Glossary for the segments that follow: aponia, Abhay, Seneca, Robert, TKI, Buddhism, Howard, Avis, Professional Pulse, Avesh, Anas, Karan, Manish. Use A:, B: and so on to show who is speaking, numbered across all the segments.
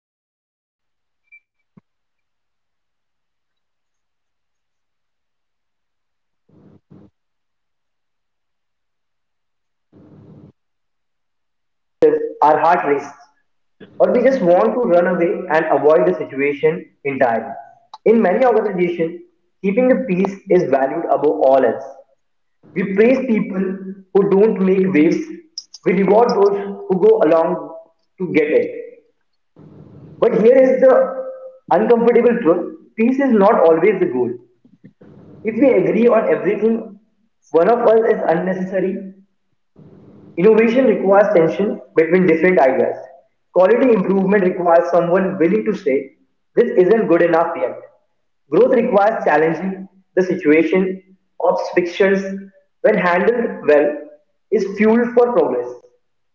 A: episode of the Professional Pulse. I'm Manish, and today we're going to be talking about how to master constructive conflict. The word conflict usually triggers a physical reaction. We tighten up, we get defensive, our heart races, or we just want to run away and avoid the situation entirely. In many organizations, keeping the peace is valued above all else. We praise people who don't make waves. We reward those who go along to get it. But here is the uncomfortable truth peace is not always the goal. If we agree on everything, one of us is unnecessary. Innovation requires tension between different ideas. Quality improvement requires someone willing to say, this isn't good enough yet. Growth requires challenging the situation, obstacles, when handled well, is fuel for progress.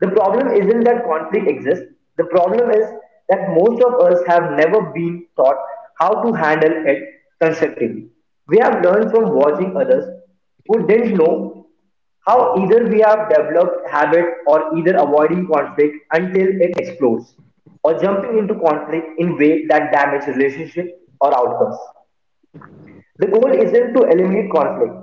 A: The problem isn't that conflict exists, the problem is that most of us have never been taught how to handle it constructively. We have learned from watching others who didn't know how either. We have developed habit or either avoiding conflict until it explodes, or jumping into conflict in way that damage relationship or outcomes. The goal isn't to eliminate conflict.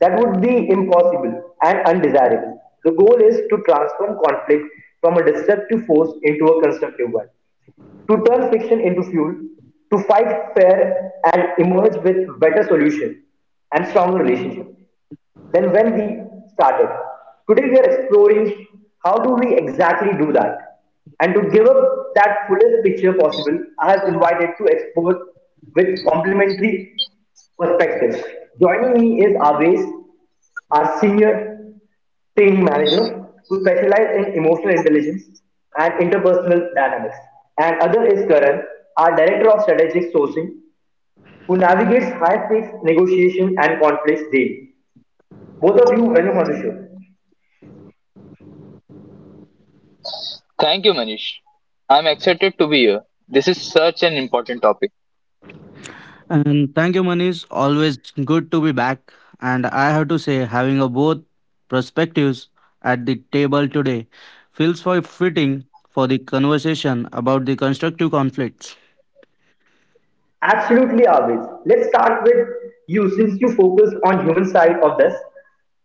A: That would be impossible and undesirable. The goal is to transform conflict from a destructive force into a constructive one, to turn friction into fuel, to fight fair and emerge with better solution and stronger relationship than when we started. Today we are exploring how do we exactly do that. And to give up that fullest picture possible, I have invited to explore with complementary perspectives. Joining me is Avesh, our senior team manager who specialize in emotional intelligence and interpersonal dynamics. And other is Karan, our director of strategic sourcing, who navigates high stakes negotiation and conflicts daily. Both of you, welcome on the show.
B: Thank you, Manish. I'm excited to be here. This is such an important topic.
C: And thank you, Manish. Always good to be back. And I have to say, having a both perspectives at the table today feels quite fitting for the conversation about the constructive conflicts.
A: Absolutely, always. Let's start with you since you focus on human side of this.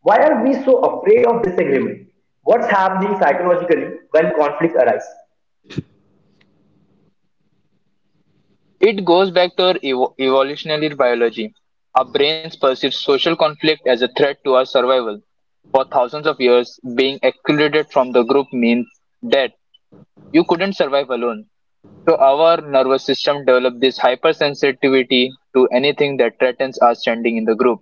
A: Why are we so afraid of disagreement? What's happening psychologically when conflicts arise?
B: It goes back to our evolutionary biology. Our brains perceive social conflict as a threat to our survival. For thousands of years, being excluded from the group means that you couldn't survive alone. So our nervous system developed this hypersensitivity to anything that threatens our standing in the group.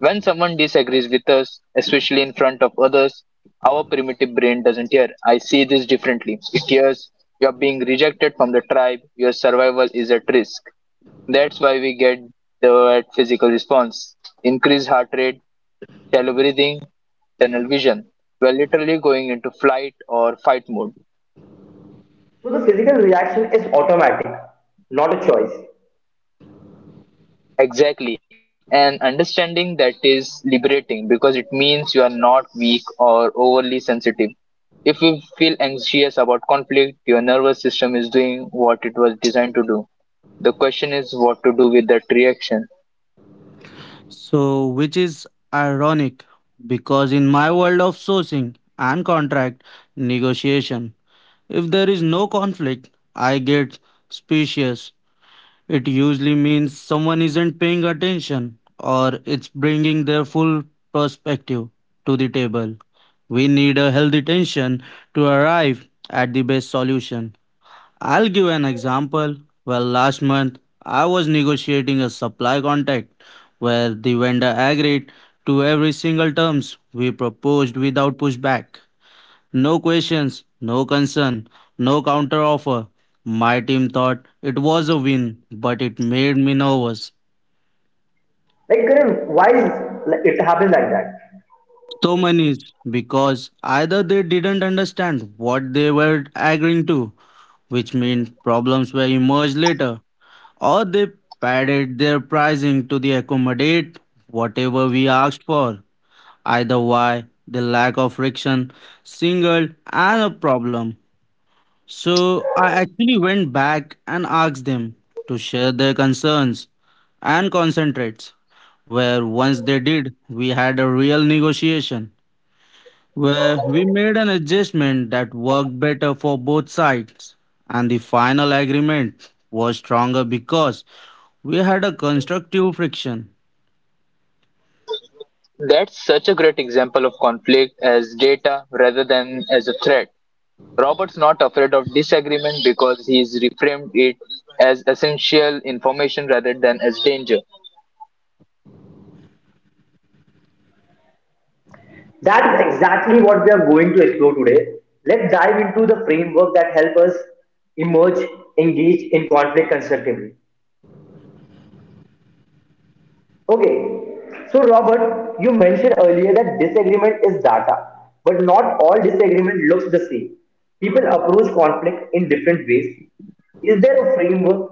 B: When someone disagrees with us, especially in front of others, our primitive brain doesn't hear, I see this differently. It hears, you're being rejected from the tribe, your survival is at risk. That's why we get the physical response. Increased heart rate, shallow breathing, tunnel vision. We're literally going into flight or fight mode.
A: So the physical reaction is automatic, not a choice.
B: Exactly. And understanding that is liberating because it means you are not weak or overly sensitive. If you feel anxious about conflict, your nervous system is doing what it was designed to do. The question is what to do with that reaction.
C: So, which is ironic because in my world of sourcing and contract negotiation, if there is no conflict, I get suspicious. It usually means someone isn't paying attention or it's bringing their full perspective to the table. We need a healthy tension to arrive at the best solution. I'll give an example. Well, last month I was negotiating a supply contract where the vendor agreed to every single terms we proposed without pushback. No questions, no concern, no counteroffer. My team thought it was a win, but it made me nervous.
A: Like, Karan, why is it happens like that?
C: So many is because either they didn't understand what they were agreeing to, which meant problems will emerge later, or they padded their pricing to the accommodate whatever we asked for. Either way, the lack of friction singled and a problem. So I actually went back and asked them to share their concerns and concentrates. Where once they did, we had a real negotiation where we made an adjustment that worked better for both sides. And the final agreement was stronger because we had a constructive friction.
B: That's such a great example of conflict as data rather than as a threat. Robert's not afraid of disagreement because he's reframed it as essential information rather than as danger.
A: That is exactly what we are going to explore today. Let's dive into the framework that help us emerge, engage in conflict constructively. Okay, so Robert, you mentioned earlier that disagreement is data, but not all disagreement looks the same. People approach conflict in different ways. Is there a framework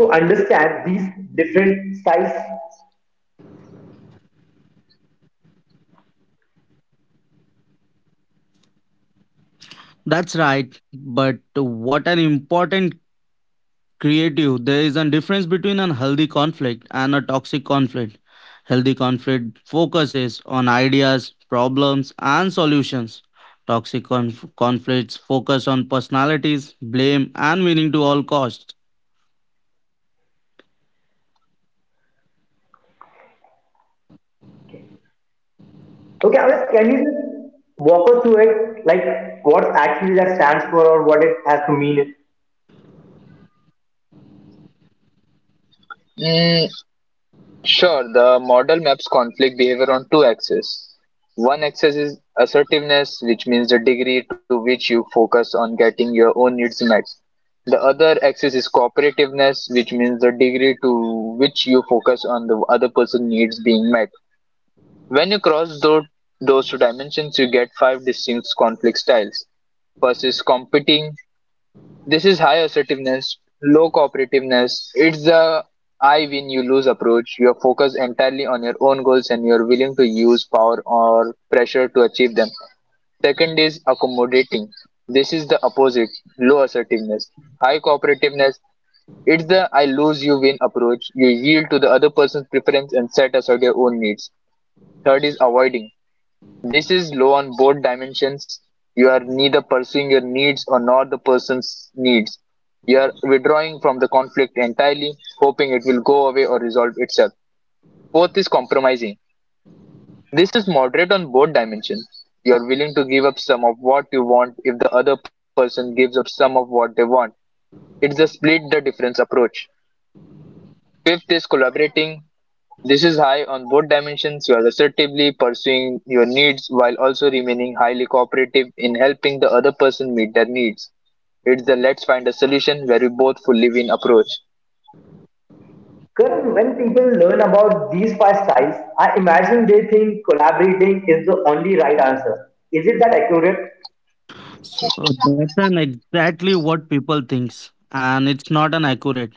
A: to understand these different styles?
C: That's right, but what an important creative there is a difference between a healthy conflict and a toxic conflict. Healthy conflict focuses on ideas, problems and solutions. Toxic conflicts focus on personalities, blame and winning to all costs.
A: Okay, Anas, can you just walk us through it, like what actually that stands for or what it has to mean?
B: Mm, Sure, the model maps conflict behavior on two axes. One axis is assertiveness, which means the degree to which you focus on getting your own needs met. The other axis is cooperativeness, which means the degree to which you focus on the other person's needs being met. When you cross those two dimensions, you get five distinct conflict styles. First is competing, this is high assertiveness, low cooperativeness. It's the I win, you lose approach. You are focused entirely on your own goals and you are willing to use power or pressure to achieve them. Second is accommodating. This is the opposite, low assertiveness. High cooperativeness, it's the I lose you win approach. You yield to the other person's preference and set aside your own needs. Third is avoiding. This is low on both dimensions. You are neither pursuing your needs or nor the person's needs. You are withdrawing from the conflict entirely, hoping it will go away or resolve itself. Fourth is compromising. This is moderate on both dimensions. You are willing to give up some of what you want if the other person gives up some of what they want. It's a split the difference approach. Fifth is collaborating. This is high on both dimensions. You are assertively pursuing your needs while also remaining highly cooperative in helping the other person meet their needs. It's the let's find a solution where we both fully win approach.
A: Because when people learn about these five styles, I imagine they think collaborating is the only right answer. Is it that accurate?
C: So that's an exactly what people thinks and it's not an accurate.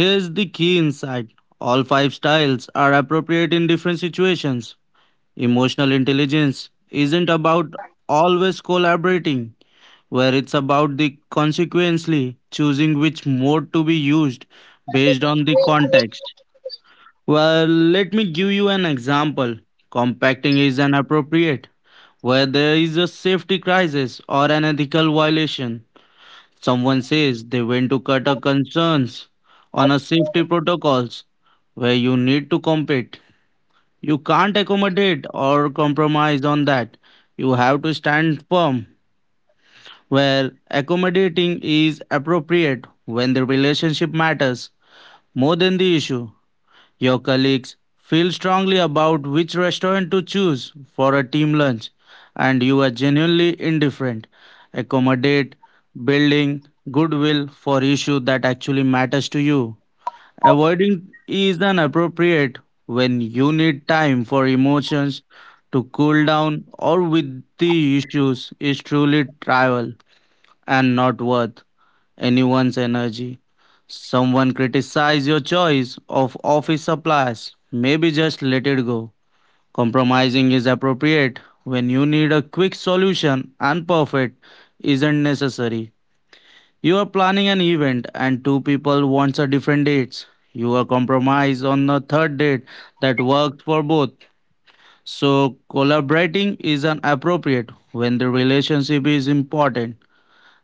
C: Here's the key insight, all five styles are appropriate in different situations. Emotional intelligence isn't about always collaborating, where it's about the consequently choosing which mode to be used based on the context. Well, let me give you an example. Compacting is inappropriate where there is a safety crisis or an ethical violation. Someone says they went to cut a concerns on a safety protocols where you need to compete. You can't accommodate or compromise on that. You have to stand firm. Where accommodating is appropriate when the relationship matters more than the issue. Your colleagues feel strongly about which restaurant to choose for a team lunch, and you are genuinely indifferent. Accommodate building goodwill for issue that actually matters to you. Avoiding is inappropriate when you need time for emotions to cool down or with the issues is truly trivial and not worth anyone's energy. Someone criticize your choice of office supplies, maybe just let it go. Compromising is appropriate when you need a quick solution and perfect isn't necessary. You are planning an event and two people want a different dates. You are compromise on the third date that worked for both. So collaborating is an appropriate when the relationship is important,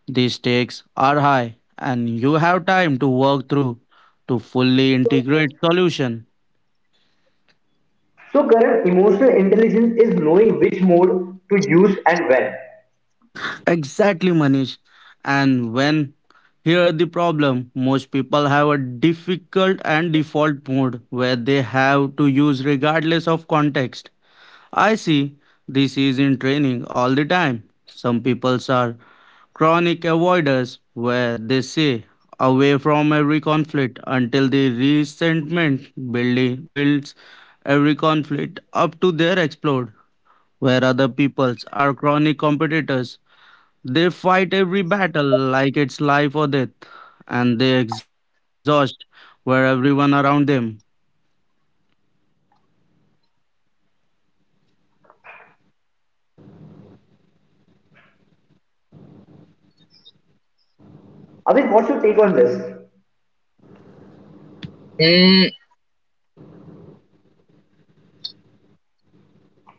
C: the stakes are high and you have time to work through to fully integrate solution.
A: So, current emotional intelligence is knowing which mode to use and when.
C: Exactly, Manish. And when here the problem, most people have a difficult and default mode where they have to use regardless of context. I see this is in training all the time. Some people are chronic avoiders, where they stay away from every conflict until the resentment building builds every conflict up to their explode, where other peoples are chronic competitors. They fight every battle like it's life or death, and they exhaust where everyone around them.
A: Avis, what's your take on this?
B: Mm,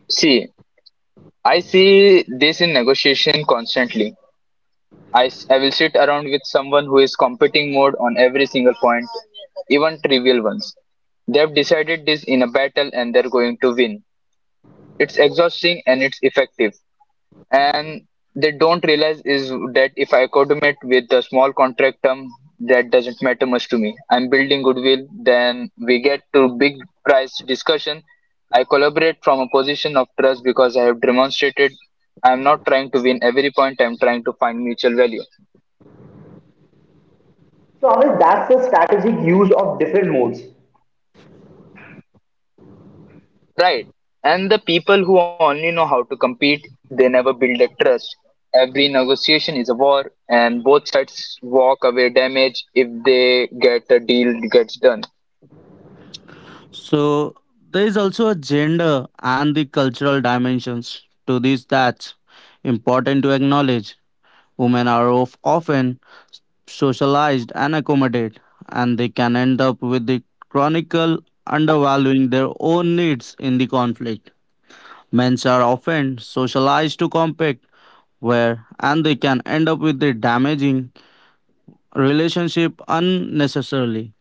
B: see, I see this in negotiation constantly. I will sit around with someone who is competing mode on every single point, even trivial ones. They have decided this in a battle and they're going to win. It's exhausting and it's effective. And they don't realize is that if I coordinate with a small contract term, that doesn't matter much to me. I'm building goodwill. Then we get to big price discussion. I collaborate from a position of trust because I have demonstrated I'm not trying to win every point. I'm trying to find mutual value.
A: So, Avis, that's the strategic use of different modes.
B: Right. And the people who only know how to compete, they never build that trust. Every negotiation is a war, and both sides walk away damaged if they get a deal gets done.
C: So there is also a gender and the cultural dimensions to these that's important to acknowledge. Women are of often socialized and accommodate, and they can end up with the chronicle undervaluing their own needs in the conflict. Men's are often socialized to compete where and they can end up with the damaging relationship unnecessarily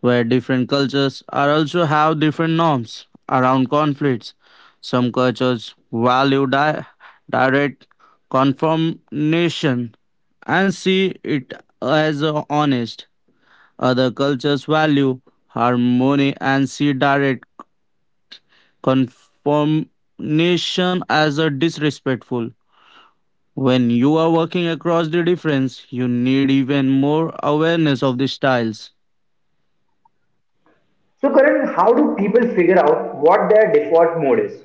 C: where different cultures are also have different norms around conflicts. Some cultures value direct confirmation and see it as a honest. Other cultures value harmony and see direct conformation as a disrespectful. When you are working across the difference, you need even more awareness of the styles.
A: So, Karan, how do people figure out what their default mode is?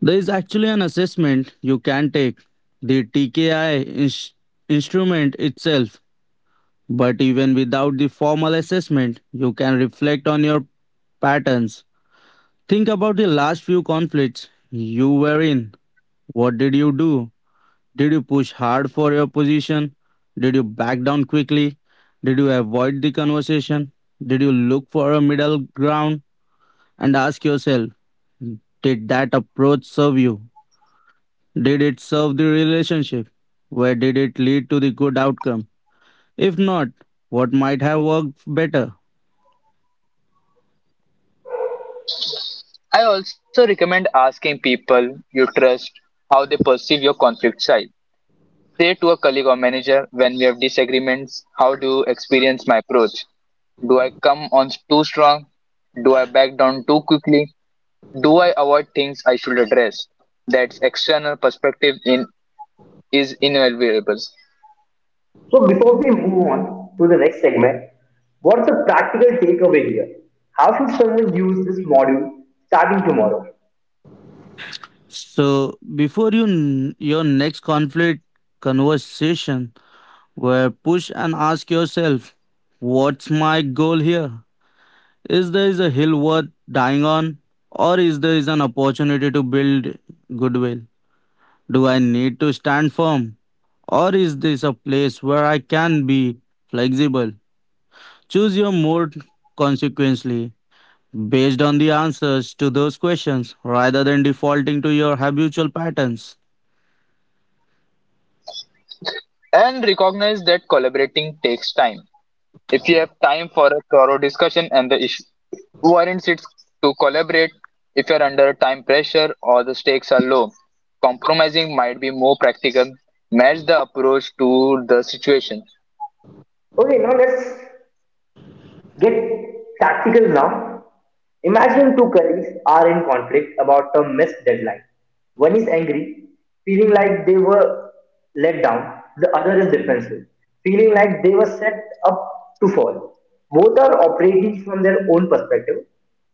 C: There is actually an assessment you can take, the TKI instrument itself. But even without the formal assessment, you can reflect on your patterns. Think about the last few conflicts you were in. What did you do? Did you push hard for your position? Did you back down quickly? Did you avoid the conversation? Did you look for a middle ground and ask yourself, did that approach serve you? Did it serve the relationship? Where did it lead to the good outcome? If not, what might have worked better?
B: I also recommend asking people you trust how they perceive your conflict side. Say to a colleague or manager, when we have disagreements, how do you experience my approach? Do I come on too strong? Do I back down too quickly? Do I avoid things I should address? That's external perspective in is invaluable.
A: So before we move on to the next segment, what's the practical takeaway here? How should someone use this module starting tomorrow?
C: So, before you your next conflict conversation, where push and ask yourself, what's my goal here? Is there is a hill worth dying on, or is there is an opportunity to build goodwill? Do I need to stand firm, or is this a place where I can be flexible? Choose your mode consequently based on the answers to those questions rather than defaulting to your habitual patterns.
B: And recognize that collaborating takes time. If you have time for a thorough discussion and the issue warrants it to collaborate, if you're under time pressure or the stakes are low, compromising might be more practical. Match the approach to the situation.
A: Okay, now let's get practical now. Imagine two colleagues are in conflict about a missed deadline. One is angry, feeling like they were let down. The other is defensive, feeling like they were set up to fall. Both are operating from their own perspective,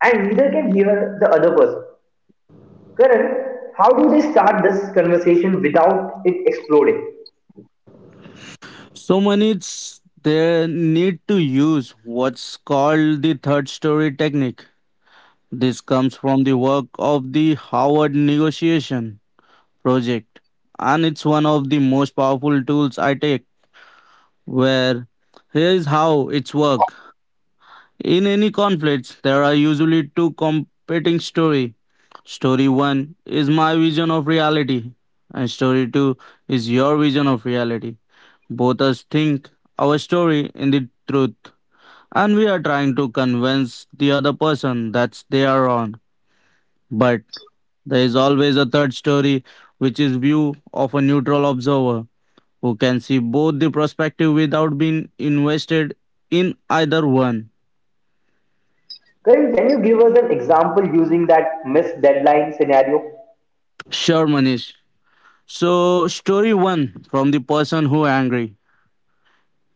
A: and neither can hear the other person. Karan, how do they start this conversation without it exploding?
C: So many it's they need to use what's called the third story technique. This comes from the work of the Howard negotiation project and it's one of the most powerful tools I take. Where here's how it's work, in any conflicts there are usually two competing story. Story 1 is my vision of reality and story 2 is your vision of reality. Both us think our story in the truth and we are trying to convince the other person that they are wrong, but there is always a third story, which is view of a neutral observer who can see both the perspective without being invested in either one.
A: Karan, can you give us an example using that missed deadline scenario?
C: Sure, Manish. So, story one from the person who angry.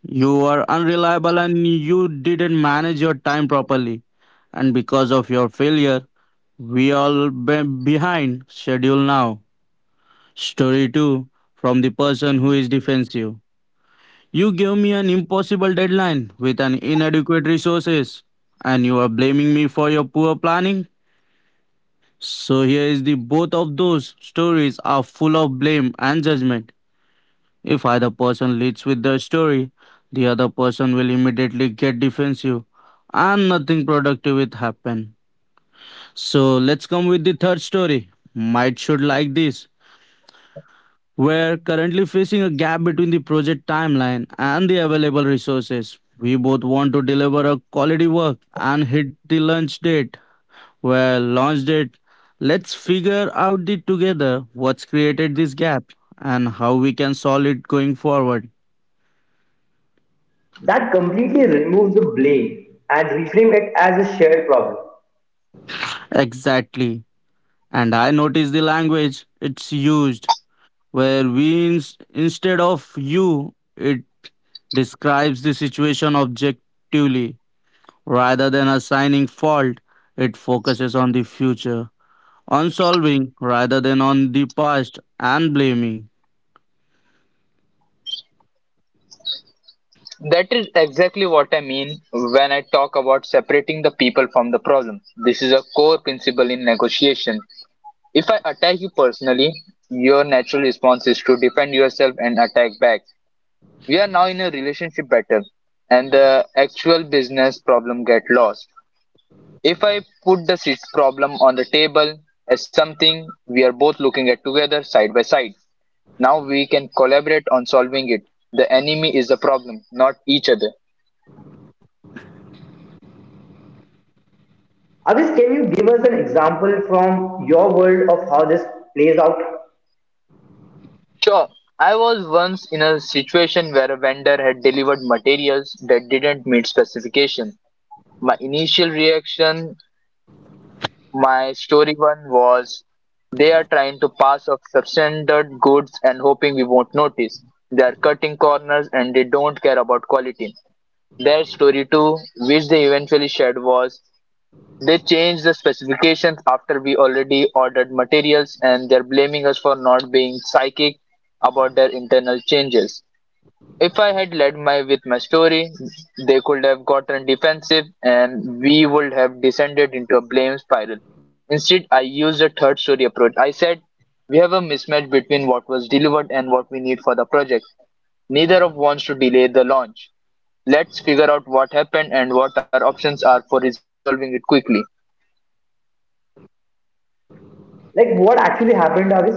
C: You are unreliable and you didn't manage your time properly, and because of your failure, we all behind schedule now. Story 2 from the person who is defensive. You gave me an impossible deadline with an inadequate resources and you are blaming me for your poor planning. So here is the both of those stories are full of blame and judgment. If either person leads with the story, the other person will immediately get defensive and nothing productive will happen. So let's come with the third story. Might should like this. We're currently facing a gap between the project timeline and the available resources. We both want to deliver a quality work and hit the launch date. Well, launched it. Let's figure out it together what's created this gap and how we can solve it going forward.
A: That completely removes the blame and reframe it as a shared problem.
C: Exactly. And I notice the language it's used, where we instead of you it describes the situation objectively rather than assigning fault. It focuses on the future, on solving rather than on the past and blaming.
B: That is exactly what I mean when I talk about separating the people from the problem. This is a core principle in negotiation. If I attack you personally, your natural response is to defend yourself and attack back. We are now in a relationship battle and the actual business problem get lost if I put the problem on the table as something we are both looking at together side by side. Now we can collaborate on solving it. The enemy is the problem, not each other.
A: Avis, can you give us an example from your world of how this plays out?
B: Sure, I was once in a situation where a vendor had delivered materials that didn't meet specification. My initial reaction, my story one was, they are trying to pass off substandard goods and hoping we won't notice. They are cutting corners and they don't care about quality. Their story two, which they eventually shared, was they changed the specifications after we already ordered materials and they're blaming us for not being psychic about their internal changes. If I had led my with my story, they could have gotten defensive and we would have descended into a blame spiral. Instead, I used a third story approach. I said, we have a mismatch between what was delivered and what we need for the project. Neither of wants to delay the launch. Let's figure out what happened and what our options are for resolving it quickly.
A: Like what actually happened, Avis?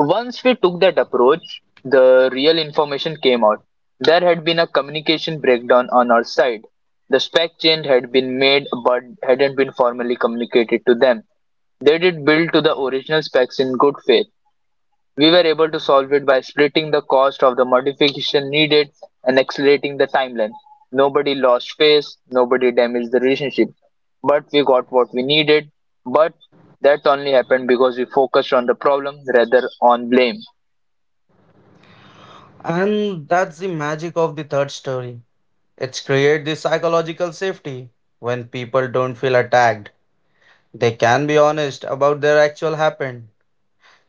B: Once we took that approach, the real information came out. There had been a communication breakdown on our side. The spec change had been made but hadn't been formally communicated to them. They did build to the original specs in good faith. We were able to solve it by splitting the cost of the modification needed and accelerating the timeline. Nobody lost face, nobody damaged the relationship. But we got what we needed, but that only happened because we focused on the problem rather on blame.
C: And that's the magic of the third story. It's create the psychological safety. When people don't feel attacked, they can be honest about their actual happened.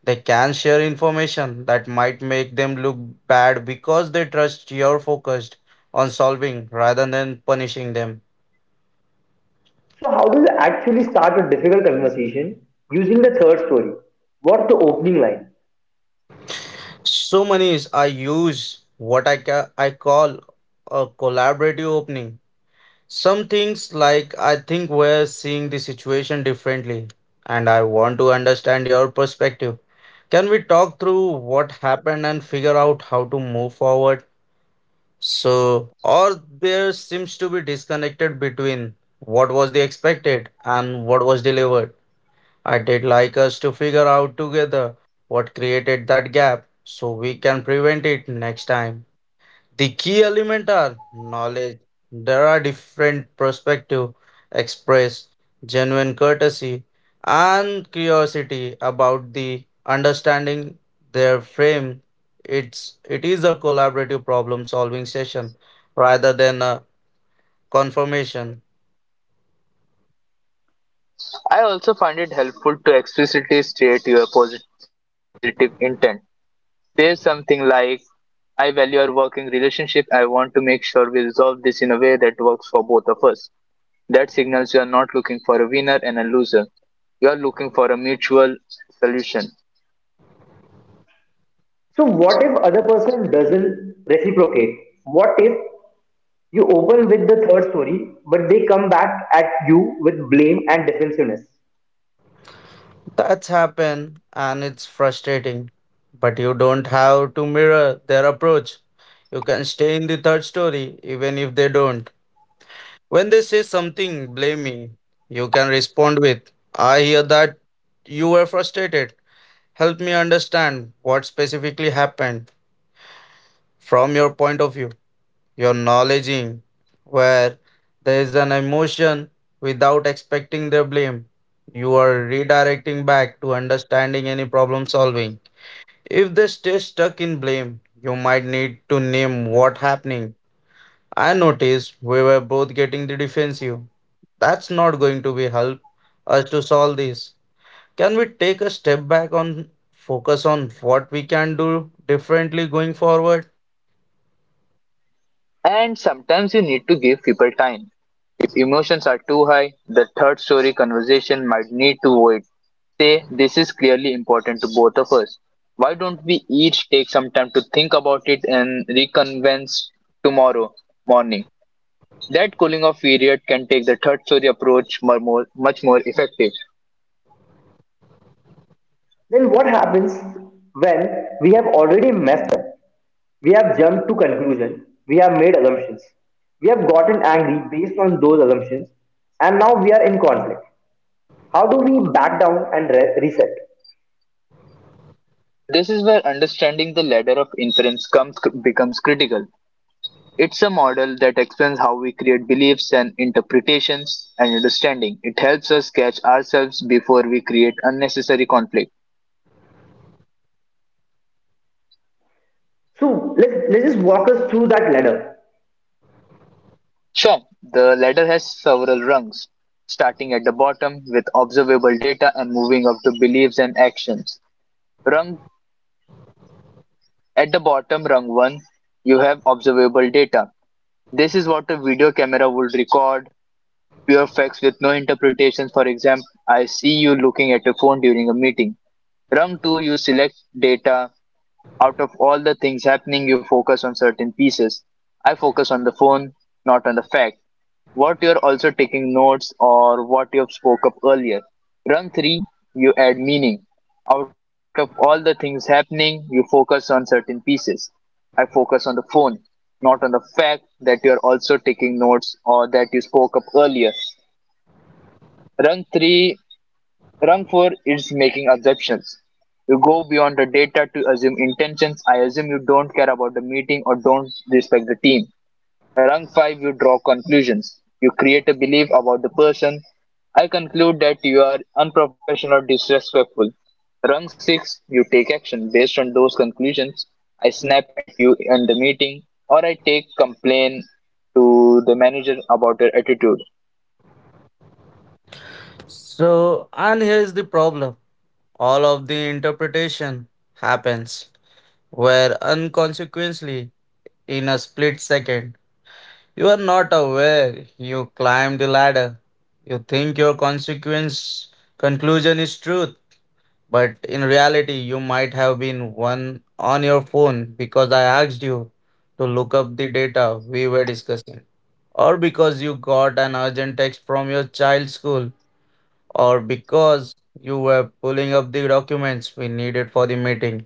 C: They can share information that might make them look bad because they trust you're focused on solving rather than punishing them.
A: So how do you actually start a difficult conversation using the third story? What's the opening line?
C: So many is I use what I call a collaborative opening. Some things like I think we're seeing the situation differently and I want to understand your perspective. Can we talk through what happened and figure out how to move forward? So, or there seems to be disconnected between what was the expected and what was delivered. I did like us to figure out together what created that gap so we can prevent it next time. The key element are knowledge. There are different perspective express genuine courtesy and curiosity about the understanding their frame. It's it is a collaborative problem solving session rather than a confirmation.
B: I also find it helpful to explicitly state your positive intent. Say something like, I value our working relationship. I want to make sure we resolve this in a way that works for both of us. That signals you are not looking for a winner and a loser. You are looking for a mutual solution.
A: So what if other person doesn't reciprocate? What if you open with the third story, but they come back at you with blame and defensiveness.
C: That's happened and it's frustrating. But you don't have to mirror their approach. You can stay in the third story even if they don't. When they say something blaming, you can respond with, I hear that you were frustrated. Help me understand what specifically happened from your point of view. Your knowledging where there is an emotion without expecting their blame. You are redirecting back to understanding any problem solving. If they stay stuck in blame, you might need to name what happening. I noticed we were both getting the defensive. That's not going to be help us to solve this. Can we take a step back on focus on what we can do differently going forward?
B: And sometimes you need to give people time. If emotions are too high, the third story conversation might need to wait. Say this is clearly important to both of us. Why don't we each take some time to think about it and reconvene tomorrow morning? That cooling off period can take the third story approach much more effective.
A: Then what happens when we have already messed up? We have jumped to conclusion. We have made assumptions. We have gotten angry based on those assumptions, and now we are in conflict. How do we back down and reset?
B: This is where understanding the ladder of inference becomes critical. It's a model that explains how we create beliefs and interpretations and understanding. It helps us catch ourselves before we create unnecessary conflict.
A: So let's just walk us through that ladder.
B: Sure, the ladder has several rungs, starting at the bottom with observable data and moving up to beliefs and actions. Rung at the bottom, rung 1, you have observable data. This is what a video camera would record, pure facts with no interpretations. For example, I see you looking at your phone during a meeting. Rung 2, you select data. Out of all the things happening, you focus on certain pieces. I focus on the phone, not on the fact. What you're also taking notes or what you've spoke up earlier. Run three, you add meaning. Out of all the things happening, you focus on certain pieces. I focus on the phone, not on the fact that you're also taking notes or that you spoke up earlier. Run three Wrong for is making assumptions. You go beyond the data to assume intentions. I assume you don't care about the meeting or don't respect the team. Wrong five, you draw conclusions. You create a belief about the person. I conclude that you are unprofessional or disrespectful. Rung 6, you take action based on those conclusions. I snap at you in the meeting or I take complaint to the manager about your attitude.
C: So, and here's the problem. All of the interpretation happens where unconsequently in a split second. You are not aware you climb the ladder. You think your consequence conclusion is truth. But in reality, you might have been one on your phone because I asked you to look up the data we were discussing, or because you got an urgent text from your child's school, or because you were pulling up the documents we needed for the meeting.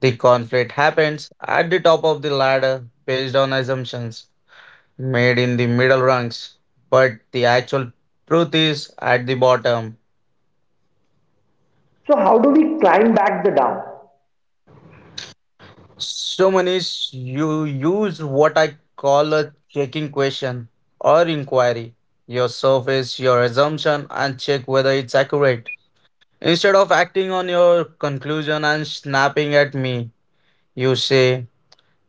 C: The conflict happens at the top of the ladder based on assumptions made in the middle rungs, but the actual truth is at the bottom.
A: So how do we climb back the down?
C: So Manish, you use what I call a checking question or inquiry. Your surface, your assumption, and check whether it's accurate. Instead of acting on your conclusion and snapping at me, you say,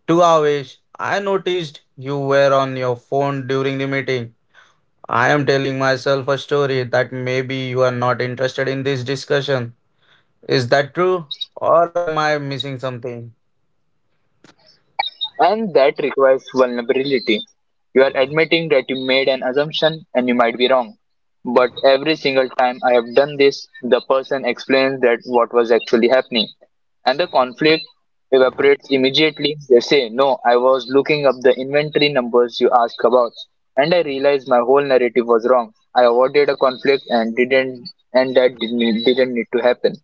C: to Avesh, I noticed you were on your phone during the meeting. I am telling myself a story that maybe you are not interested in this discussion. Is that true? Or am I missing something?
B: And that requires vulnerability. You are admitting that you made an assumption and you might be wrong. But every single time I have done this, the person explains that what was actually happening. And the conflict evaporates immediately. They say, No, I was looking up the inventory numbers you asked about, and I realized my whole narrative was wrong. I avoided a conflict and didn't need to happen.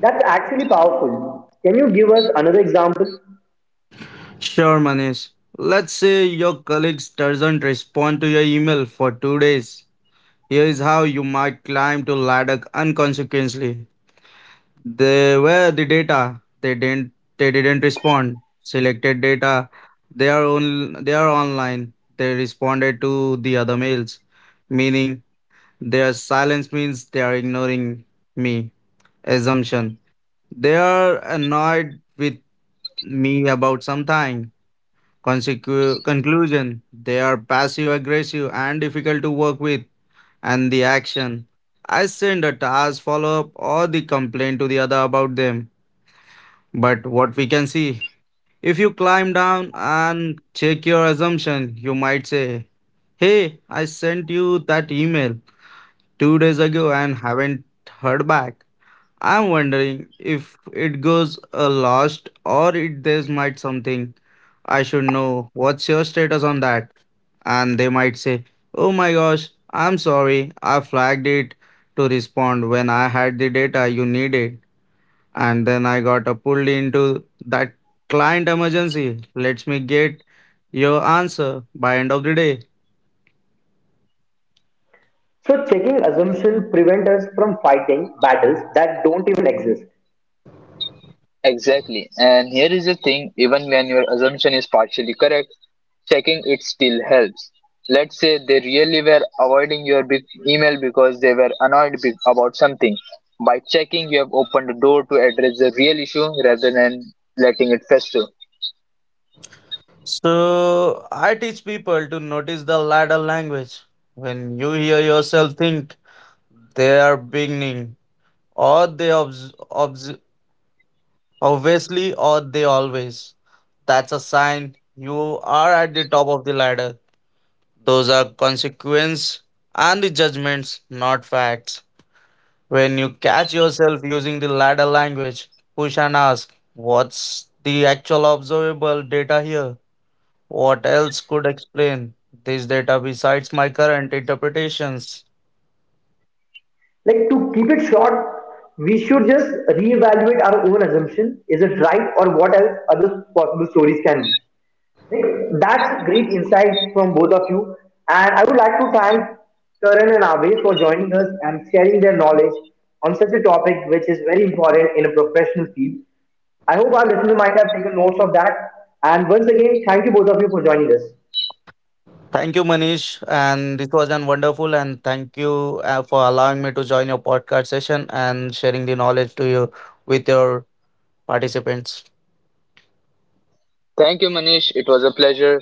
A: That's actually powerful. Can you give us another example?
C: Sure, Manish. Let's say your colleagues doesn't respond to your email for 2 days. Here is how you might climb to ladder unconsequently. They were the data. They didn't respond. Selected data. They are on. They are online. They responded to the other mails, meaning their silence means they are ignoring me. Assumption. They are annoyed with me about something. Conclusion, they are passive aggressive and difficult to work with, and the action, I send a task follow up or the complaint to the other about them. But what we can see, if you climb down and check your assumption you might say, hey, I sent you that email 2 days ago and haven't heard back. I'm wondering if it goes lost or it there's might something I should know. What's your status on that? And they might say, "Oh my gosh, I'm sorry. I flagged it to respond when I had the data you needed, and then I got pulled into that client emergency. Let me get your answer by end of the day."
A: So checking assumption prevent us from fighting battles that don't even exist.
B: Exactly. And here is the thing even when your assumption is partially correct, checking it still helps. Let's say they really were avoiding your big email because they were annoyed about something. By checking, you have opened the door to address the real issue rather than letting it fester.
C: So I teach people to notice the ladder language. When you hear yourself think they are beginning, or they obviously, or they always. That's a sign you are at the top of the ladder. Those are consequence and the judgments, not facts. When you catch yourself using the ladder language, push and ask, what's the actual observable data here? What else could explain this data besides my current interpretations?
A: Like, to keep it short, we should just reevaluate our own assumption. Is it right, or what else other possible stories can be? Like, that's great insight from both of you. And I would like to thank Karan and Abhay for joining us and sharing their knowledge on such a topic which is very important in a professional field. I hope our listeners might have taken notes of that. And once again, thank you both of you for joining us.
C: Thank you, Manish. And it was an wonderful and thank you for allowing me to join your podcast session and sharing the knowledge to you with your participants.
B: Thank you, Manish. It was a pleasure.